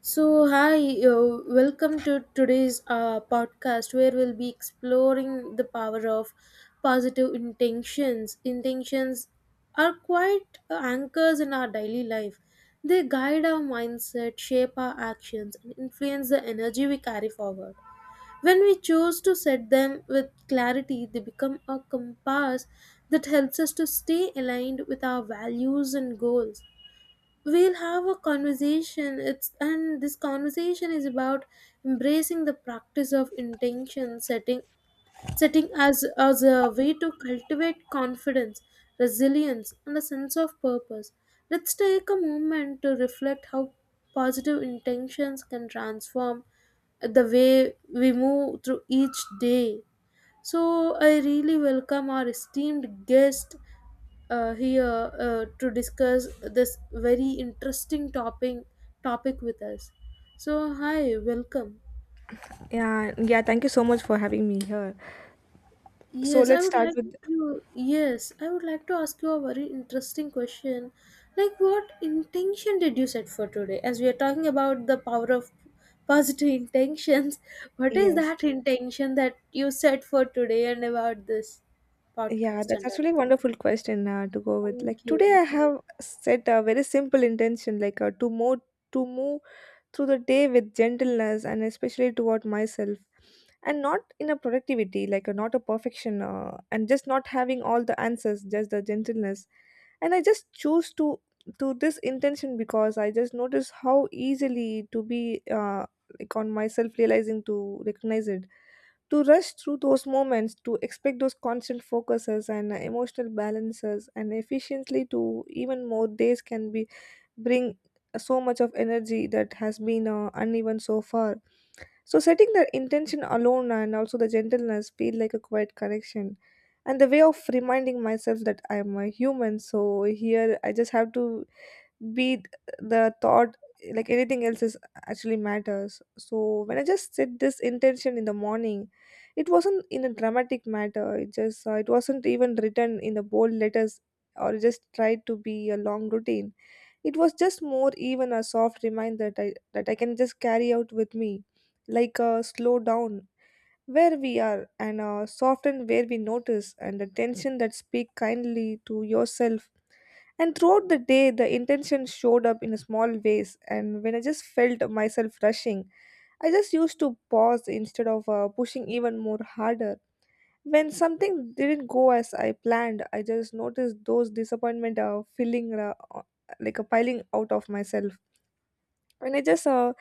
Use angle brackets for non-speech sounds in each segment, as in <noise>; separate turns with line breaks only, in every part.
So, hi, welcome to today's podcast where we'll be exploring the power of positive intentions. Intentions are quite anchors in our daily life. They guide our mindset, shape our actions, and influence the energy we carry forward. When we choose to set them with clarity, they become a compass that helps us to stay aligned with our values and goals. We'll have a conversation. It's and This conversation is about embracing the practice of intention setting as a way to cultivate confidence, resilience, and a sense of purpose. Let's take a moment to reflect how positive intentions can transform the way we move through each day. So I really welcome our esteemed guest here to discuss this very interesting topic with us. So hi, welcome.
Yeah, yeah, thank you so much for having me here. So
Yes, I
let's
would
start
like
with
to yes, I would like to ask you a very interesting question. Like, what intention did you set for today? As we are talking about the power of positive intentions, <laughs> what is
yes.
that intention that you set for today and about this
Yeah,
podcast
that's
and all?
actually a wonderful question to go with. Like
Thank
today
you.
I have set a very simple intention like to move through the day with gentleness and especially toward myself, and not in a productivity, like not a perfection and just not having all the answers, just the gentleness. And I just choose to this intention because I just notice how easily to be like on myself realizing to recognize it, to rush through those moments, to expect those constant focuses and emotional balances and efficiently to even more days can be bring so much of energy that has been uneven so far. So setting the intention alone and also the gentleness feel like a quiet connection, and the way of reminding myself that I am a human. So here I just have to be the thought like anything else is actually matters. So when I just said this intention in the morning, it wasn't in a dramatic matter, it just it wasn't even written in the bold letters or just tried to be a long routine. It was just more even a soft reminder that I can just carry out with me, like a slow down where we are and soften where we notice and attention that speak kindly to yourself. And throughout the day, the intention showed up in small ways. And when I just felt myself rushing, I just used to pause instead of pushing even more harder. When something didn't go as I planned, I just noticed those disappointment feeling like a piling out of myself. When I just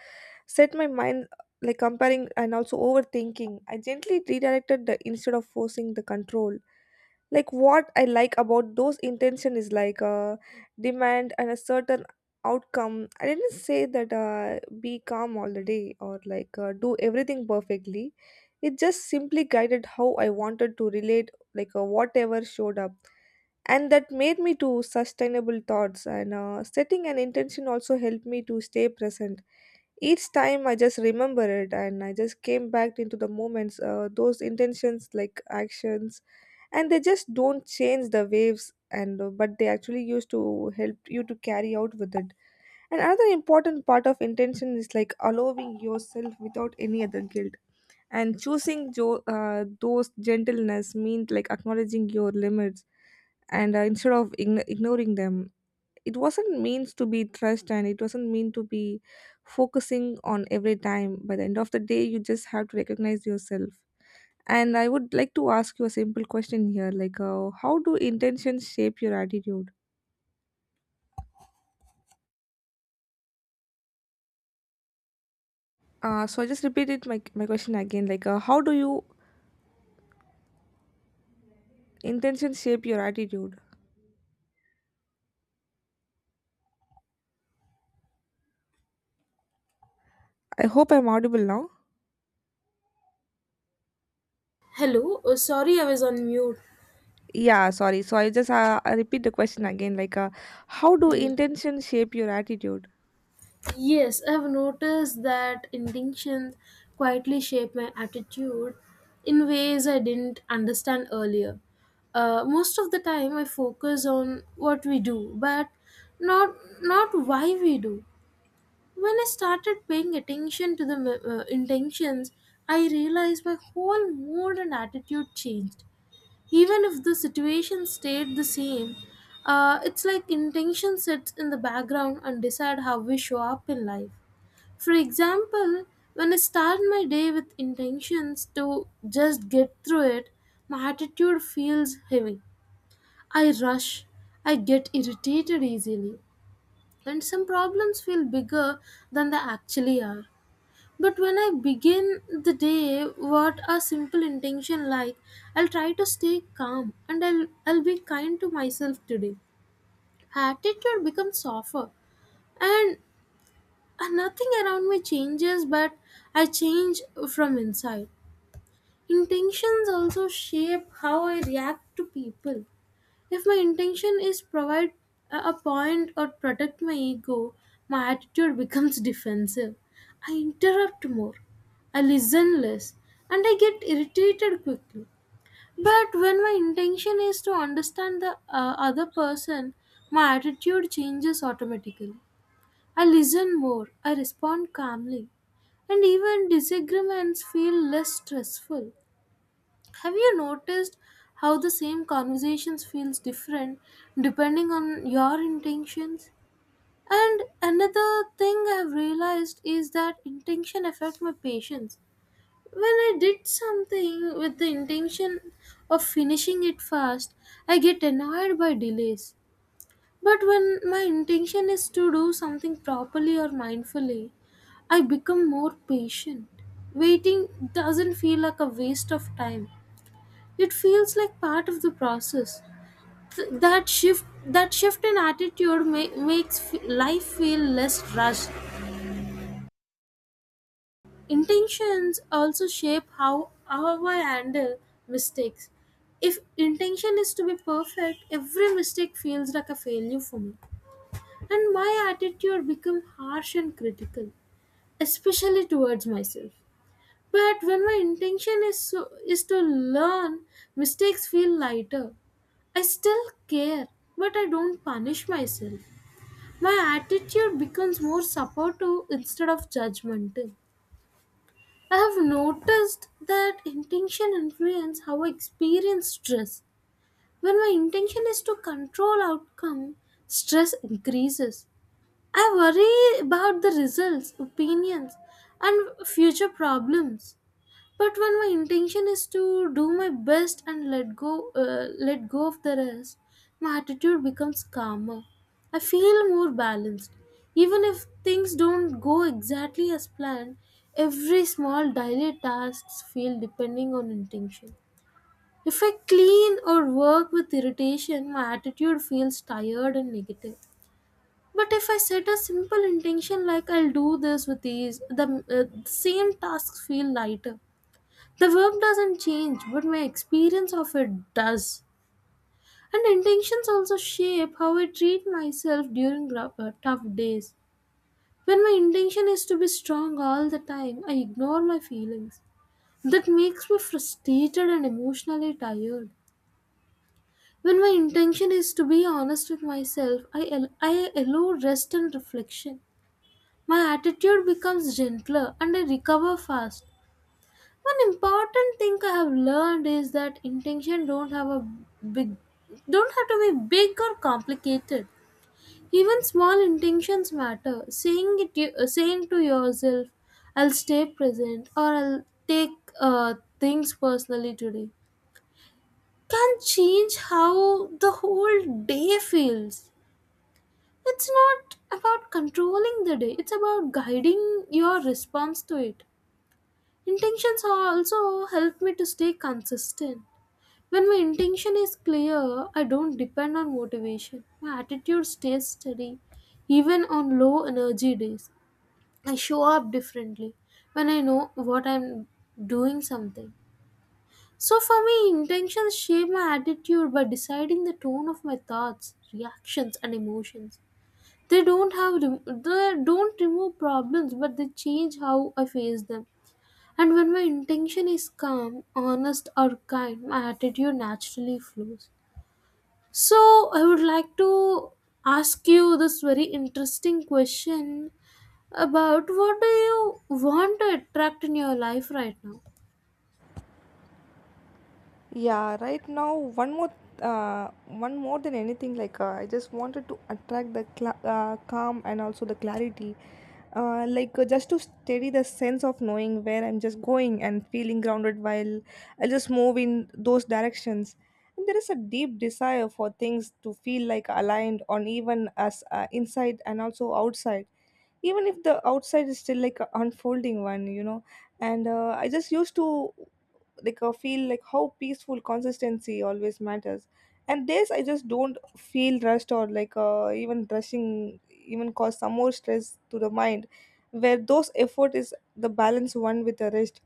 set my mind like comparing and also overthinking, I gently redirected the instead of forcing the control. Like what I like about those intention is like a demand and a certain outcome. I didn't say that be calm all the day or like do everything perfectly. It just simply guided how I wanted to relate, like whatever showed up, and that made me to sustainable thoughts. And setting an intention also helped me to stay present. Each time I just remember it and I just came back into the moments, those intentions like actions, and they just don't change the waves, and but they actually used to help you to carry out with it. And another important part of intention is like allowing yourself without any other guilt, and choosing those gentleness means like acknowledging your limits, and instead of ignoring them. It wasn't means to be trust and it wasn't mean to be focusing on every time. By the end of the day you just have to recognize yourself. And I would like to ask you a simple question here, like how do intentions shape your attitude? So I just repeated my question again, like how do you intentions shape your attitude? I hope I'm audible now.
Hello, oh, sorry, I was on mute.
Yeah, sorry, so I just I repeat the question again, like how do intentions shape your attitude?
Yes, I've noticed that intentions quietly shape my attitude in ways I didn't understand earlier. Most of the time, I focus on what we do, but not not why we do. When I started paying attention to the intentions, I realized my whole mood and attitude changed. Even if the situation stayed the same, it's like intention sits in the background and decide how we show up in life. For example, when I start my day with intentions to just get through it, my attitude feels heavy. I rush, I get irritated easily, and some problems feel bigger than they actually are. But when I begin the day what a simple intention like, I'll try to stay calm and I'll be kind to myself today, attitude becomes softer. And And nothing around me changes, but I change from inside. Intentions also shape how I react to people. If my intention is provide a point or protect my ego, my attitude becomes defensive. I interrupt more. I listen less and I get irritated quickly. But when my intention is to understand the other person, my attitude changes automatically. I listen more, I respond calmly, and even disagreements feel less stressful. Have you noticed how the same conversations feels different depending on your intentions? And another thing I've realized is that intention affect my patience. When I did something with the intention of finishing it fast, I get annoyed by delays. But when my intention is to do something properly or mindfully, I become more patient. Waiting doesn't feel like a waste of time. It feels like part of the process. That shift in attitude makes life feel less rushed. Intentions also shape how I handle mistakes. If intention is to be perfect, every mistake feels like a failure for me, and my attitude become harsh and critical, especially towards myself. But when my intention is to learn, mistakes feel lighter. I still care, but I don't punish myself. My attitude becomes more supportive instead of judgmental. I have noticed that intention influence how I experience stress. When my intention is to control outcome, stress increases. I worry about the results, opinions, and future problems. But when my intention is to do my best and let go of the rest, my attitude becomes calmer. I feel more balanced. Even if things don't go exactly as planned, every small daily tasks feel depending on intention. If I clean or work with irritation, my attitude feels tired and negative. But if I set a simple intention like I'll do this with ease, the same tasks feel lighter. The verb doesn't change, but my experience of it does. And intentions also shape how I treat myself during tough days. When my intention is to be strong all the time, I ignore my feelings. That makes me frustrated and emotionally tired. When my intention is to be honest with myself, I allow rest and reflection. My attitude becomes gentler and I recover fast. One important thing I have learned is that intention don't have a big don't have to be big or complicated. Even small intentions matter. Saying to yourself, I'll stay present or I'll take things personally today can change how the whole day feels. It's not about controlling the day, it's about guiding your response to it. Intentions also help me to stay consistent. When my intention is clear, I don't depend on motivation. My attitude stays steady, even on low energy days. I show up differently when I know what I'm doing something. So for me, intentions shape my attitude by deciding the tone of my thoughts, reactions, and emotions. They don't remove problems, but they change how I face them. And when my intention is calm, honest, or kind, my attitude naturally flows. So, I would like to ask you this very interesting question about what do you want to attract in your life right now?
Yeah, right now one more than anything, like I just wanted to attract the cla calm and also the clarity. Like just to steady the sense of knowing where I'm just going and feeling grounded while I just move in those directions. And there is a deep desire for things to feel like aligned on, even as inside and also outside, even if the outside is still like a unfolding one, you know. And I just used to like feel like how peaceful consistency always matters, and this I just don't feel rushed or like even rushing even cause some more stress to the mind, where those effort is the balance one with the rest,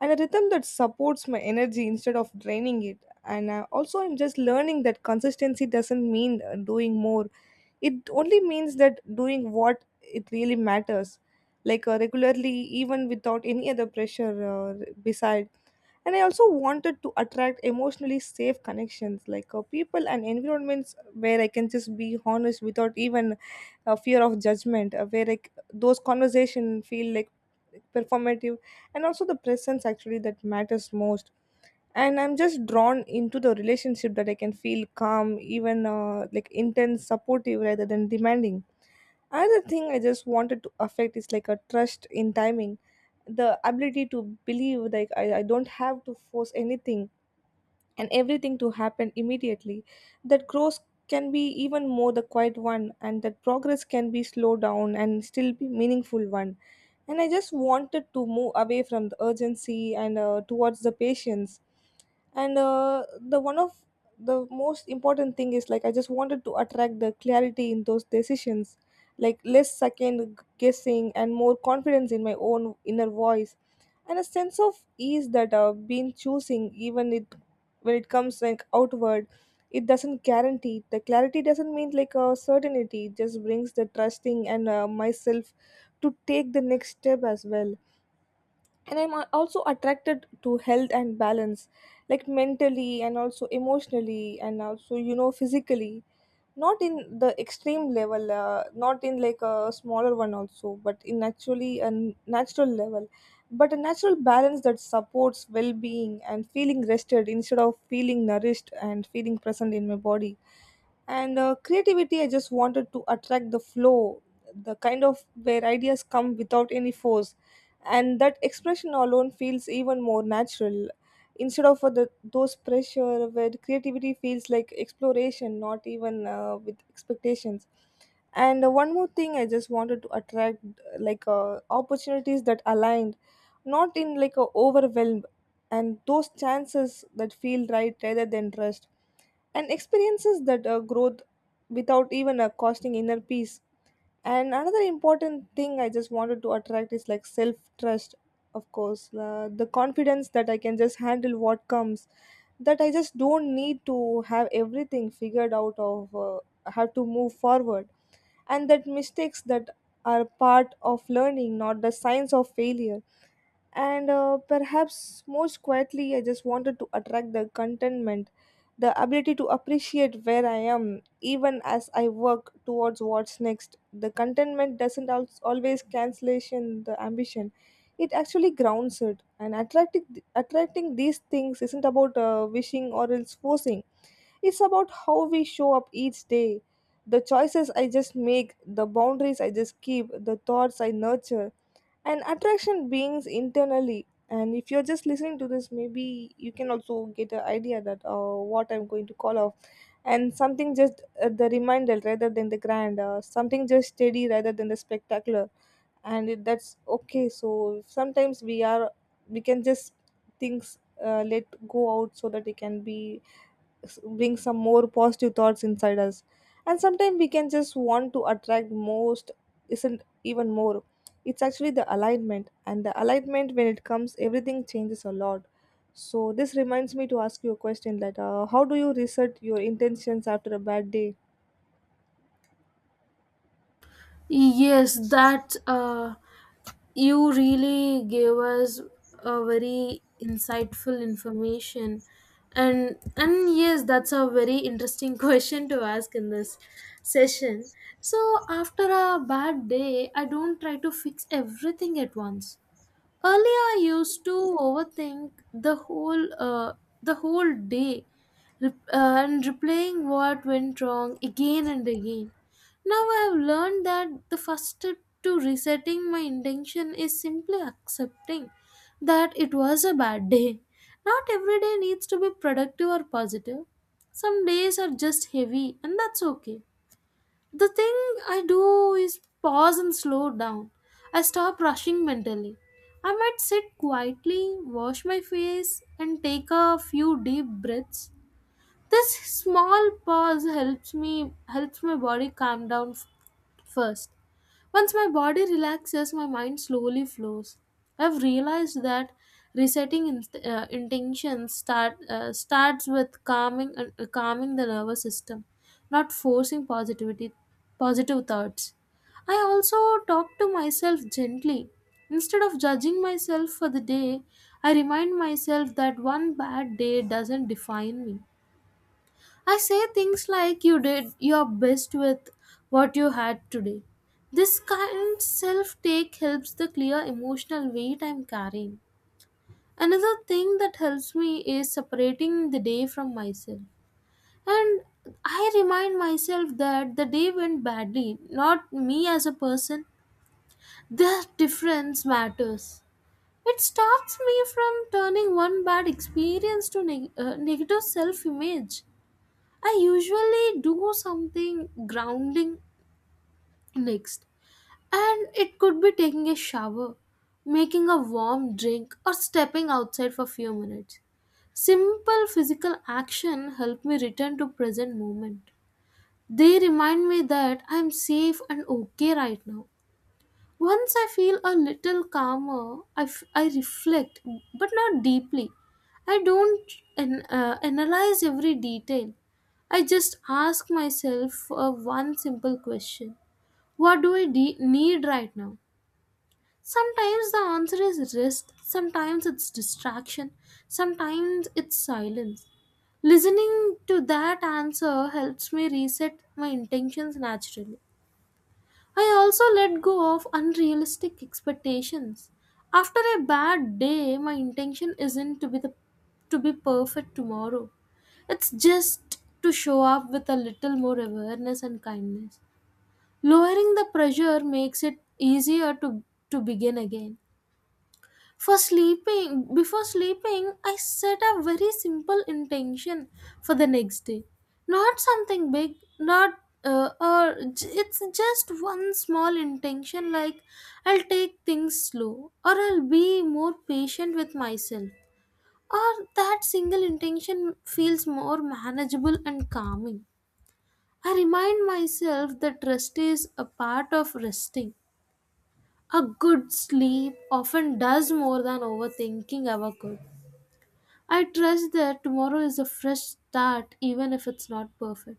and a rhythm that supports my energy instead of draining it. And also I'm just learning that consistency doesn't mean doing more. It only means that doing what it really matters, like regularly, even without any other pressure beside. And I also wanted to attract emotionally safe connections, like people and environments where I can just be honest without even fear of judgment, where like those conversations feel like performative, and also the presence actually that matters most. And I'm just drawn into the relationship that I can feel calm even like intense supportive rather than demanding. Another thing I just wanted to affect is like a trust in timing, the ability to believe like I don't have to force anything and everything to happen immediately. That growth can be even more the quiet one, and that progress can be slow down and still be meaningful one. And I just wanted to move away from the urgency and towards the patience. And the one of the most important thing is like I just wanted to attract the clarity in those decisions, like less second guessing and more confidence in my own inner voice, and a sense of ease that I've been choosing even it when it comes like outward. It doesn't guarantee the clarity doesn't mean like a certainty, it just brings the trusting and myself to take the next step as well. And also attracted to health and balance, like mentally and also emotionally and also, you know, physically. Not in the extreme level, not in like a smaller one also, but in actually a natural level, but a natural balance that supports well-being and feeling rested instead of feeling nourished and feeling present in my body. And creativity, I just wanted to attract the flow, the kind of where ideas come without any force, and that expression alone feels even more natural instead of those pressure where creativity feels like exploration not even with expectations. And one more thing I just wanted to attract like opportunities that aligned, not in like a overwhelmed, and those chances that feel right rather than trust, and experiences that growth without even costing inner peace. And another important thing I just wanted to attract is like self trust, of course, the confidence that I can just handle what comes, that I just don't need to have everything figured out of have to move forward, and that mistakes that are part of learning, not the signs of failure. And perhaps most quietly, I just wanted to attract the contentment, the ability to appreciate where I am even as I work towards what's next. The contentment doesn't always cancellation the ambition. It actually grounds it, and attracting these things isn't about wishing or else forcing. It's about how we show up each day, the choices I just make, the boundaries I just keep, the thoughts I nurture, and attraction beings internally. And if you're just listening to this, maybe you can also get an idea that what I'm going to call off, and something just the reminder rather than the grand, something just steady rather than the spectacular. And it, that's okay, so sometimes we are we can just things let go out so that it can be bring some more positive thoughts inside us. And sometimes we can just want to attract most isn't even more, it's actually the alignment, and the alignment when it comes everything changes a lot. So this reminds me to ask you a question that how do you reset your intentions after a bad day?
Yes, that. You really gave us a very insightful information, and yes, that's a very interesting <laughs> question to ask in this session. So after a bad day, I don't try to fix everything at once. Earlier, I used to overthink the whole day, rep- and replaying what went wrong again and again. Now I have learned that the first step to resetting my intention is simply accepting that it was a bad day. Not every day needs to be productive or positive. Some days are just heavy, and that's okay. The thing I do is pause and slow down. I stop rushing mentally. I might sit quietly, wash my face, and take a few deep breaths. This small pause helps my body calm down first. Once my body relaxes, my mind slowly flows. I've realized that intentions starts with calming the nervous system, not forcing positivity, positive thoughts. I also talk to myself gently. Instead of judging myself for the day, I remind myself that one bad day doesn't define me. I say things like, you did your best with what you had today. This kind self take helps the clear emotional weight I'm carrying. Another thing that helps me is separating the day from myself. And I remind myself that the day went badly, not me as a person. The difference matters. It stops me from turning one bad experience to negative self image. I usually do something grounding next, and it could be taking a shower, making a warm drink, or stepping outside for a few minutes. Simple physical action help me return to present moment. They remind me that I am safe and okay right now. Once I feel a little calmer, I reflect, but not deeply. I don't an- analyze every detail. I just ask myself one simple question. What do I need right now? Sometimes the answer is rest, sometimes it's distraction, sometimes it's silence. Listening to that answer helps me reset my intentions naturally. I also let go of unrealistic expectations. After a bad day, my intention isn't to be perfect tomorrow. It's just to show up with a little more awareness and kindness. Lowering the pressure makes it easier to begin again. Before sleeping, I set a very simple intention for the next day. Not something big, not or j- it's just one small intention like, I'll take things slow or I'll be more patient with myself. Or that single intention feels more manageable and calming. I remind myself that rest is a part of resting. A good sleep often does more than overthinking ever could. I trust that tomorrow is a fresh start, even if it's not perfect.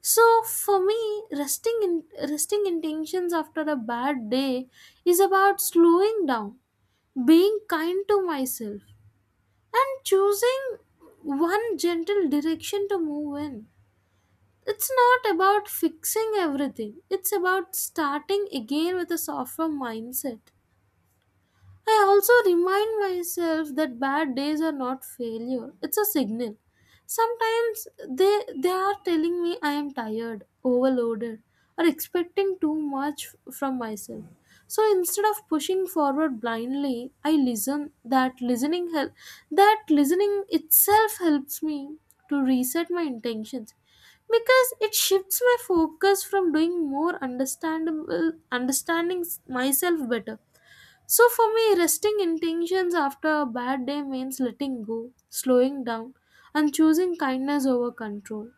So for me, resting intentions after a bad day is about slowing down, being kind to myself, and choosing one gentle direction to move in. It's not about fixing everything. It's about starting again with a softer mindset. I also remind myself that bad days are not failure. It's a signal. Sometimes they are telling me I am tired, overloaded, or expecting too much from myself. So instead of pushing forward blindly, I listen. That listening itself helps me to reset my intentions because it shifts my focus from doing more understandable understanding myself better. So for me, resting intentions after a bad day means letting go, slowing down, and choosing kindness over control.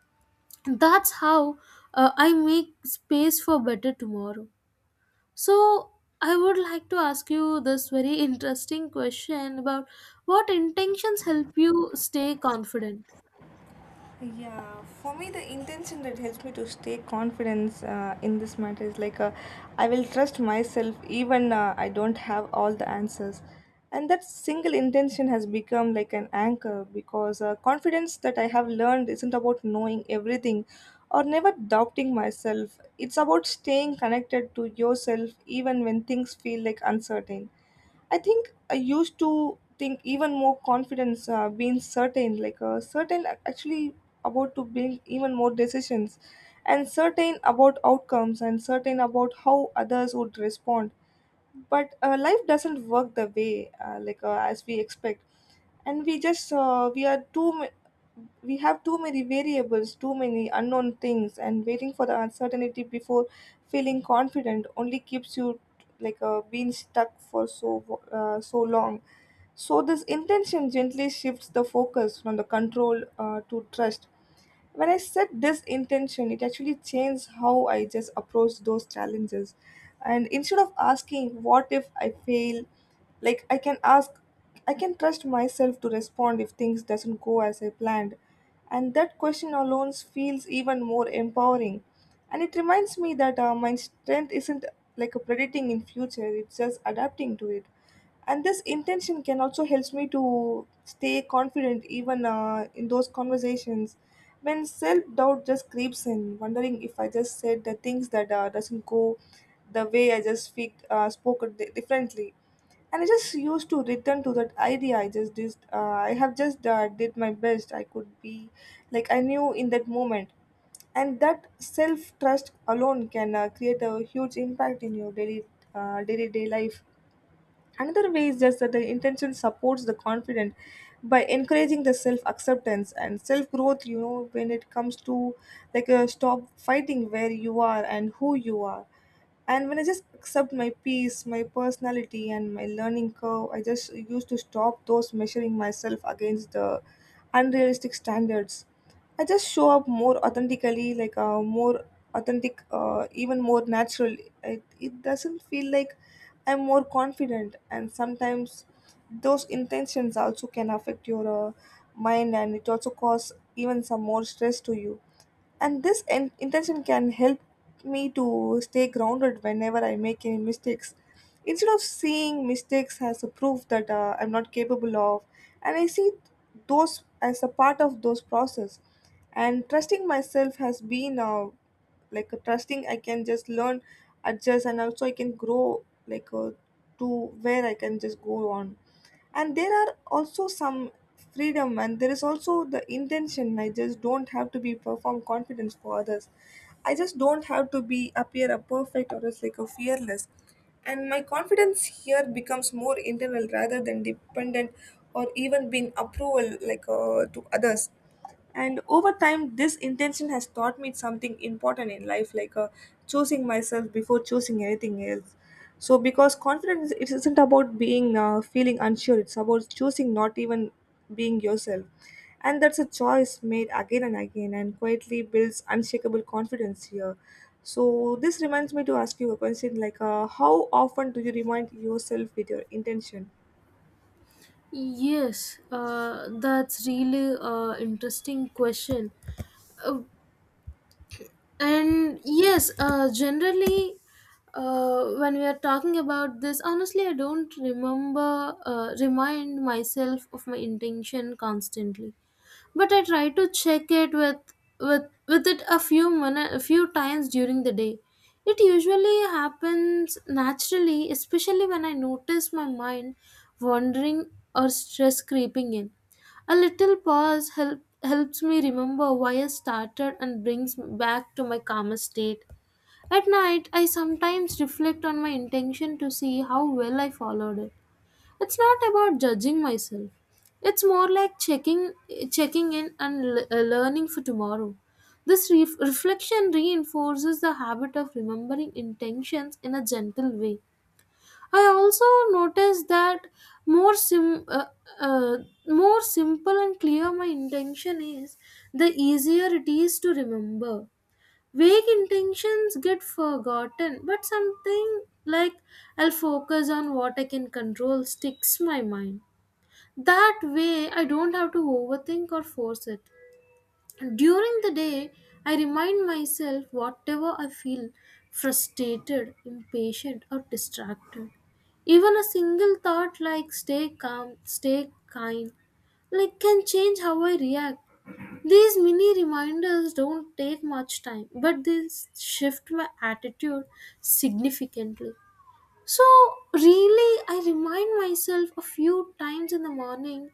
That's how I make space for better tomorrow. So I would like to ask you this very interesting question about what intentions help you stay confident.
Yeah, for me, the intention that helps me to stay confidence in this matter is like I will trust myself even I don't have all the answers. And that single intention has become like an anchor, because confidence that I have learned isn't about knowing everything or never doubting myself. It's about staying connected to yourself even when things feel like uncertain. I think I used to think even more confidence being certain, like certain actually about to build even more decisions, and certain about outcomes, and certain about how others would respond. But life doesn't work the way like as we expect, and we just we are we have too many variables, too many unknown things, and waiting for the uncertainty before feeling confident only keeps you like being stuck for so long. So this intention gently shifts the focus from the control to trust. When I set this intention, it actually changed how I just approach those challenges, and instead of asking what if I fail, like I can ask I can trust myself to respond if things doesn't go as I planned. And that question alone feels even more empowering, and it reminds me that my strength isn't like a predicting in future, it's just adapting to it. And this intention can also helps me to stay confident even in those conversations, when self-doubt just creeps in wondering if I just said the things that doesn't go the way I just speak spoke it differently. And I just used to return to that idea I just did I have just did my best I could be, like I knew in that moment. And that self trust alone can create a huge impact in your daily day-to-day life. Another way is just that the intention supports the confident by encouraging the self acceptance and self growth, you know, when it comes to like a stop fighting where you are and who you are. And when I just accept my peace, my personality, and my learning curve, I just used to stop those measuring myself against the unrealistic standards. I just show up more authentically, like more authentic, even more natural. It doesn't feel like I'm more confident, and sometimes those intentions also can affect your mind, and it also cause even some more stress to you. And this intention can help me to stay grounded whenever I make any mistakes. Instead of seeing mistakes as a proof that I'm not capable of, and I see those as a part of those process. And trusting myself has been like trusting I can just learn, adjust, and also I can grow, like to where I can just go on. And there are also some freedom, and there is also the intention I just don't have to be perform confidence for others. I just don't have to be appear a perfect or as like a fearless, and my confidence here becomes more internal rather than dependent or even being approval, like to others. And over time this intention has taught me something important in life, like choosing myself before choosing anything else. So because confidence it isn't about being feeling unsure, it's about choosing not even being yourself. And that's a choice made again and again and quietly builds unshakable confidence here. So this reminds me to ask you a question like how often do you remind yourself with your intention?
Yes, that's really a interesting question. And yes, generally, when we are talking about this, honestly, I don't remember remind myself of my intention constantly, but I try to check it with it a a few times during the day. It usually happens naturally, especially when I notice my mind wandering or stress creeping in. A little helps me remember why I started and brings me back to my calmer state. At night, I sometimes reflect on my intention to see how well I followed it. It's not about judging myself. It's more like checking in and learning for tomorrow. This reflection reinforces the habit of remembering intentions in a gentle way. I also noticed that more sim uh, uh, more simple and clear my intention is, the easier it is to remember. Vague intentions get forgotten, but something like, I'll focus on what I can control, sticks my mind. That way, I don't have to overthink or force it. During the day, I remind myself whatever I feel frustrated, impatient, or distracted. Even a single thought like, stay calm, stay kind, like can change how I react. These mini reminders don't take much time, but they shift my attitude significantly. So, really, I remind myself a few times in the morning,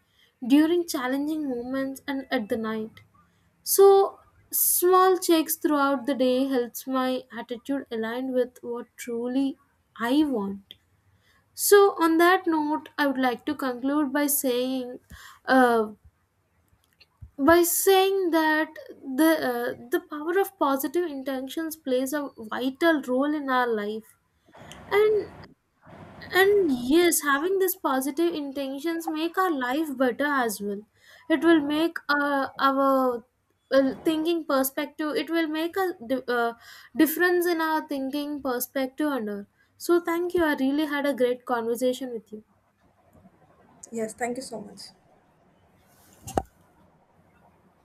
during challenging moments, and at the night. So, small checks throughout the day helps my attitude aligned with what truly I want. So, on that note, I would like to conclude uh, by saying that the power of positive intentions plays a vital role in our life, and and yes, having this positive intentions make our life better as well. It will make our thinking perspective, it will make a difference in our thinking perspective and all. So thank you, I really had a great conversation with you.
Yes, thank you so much.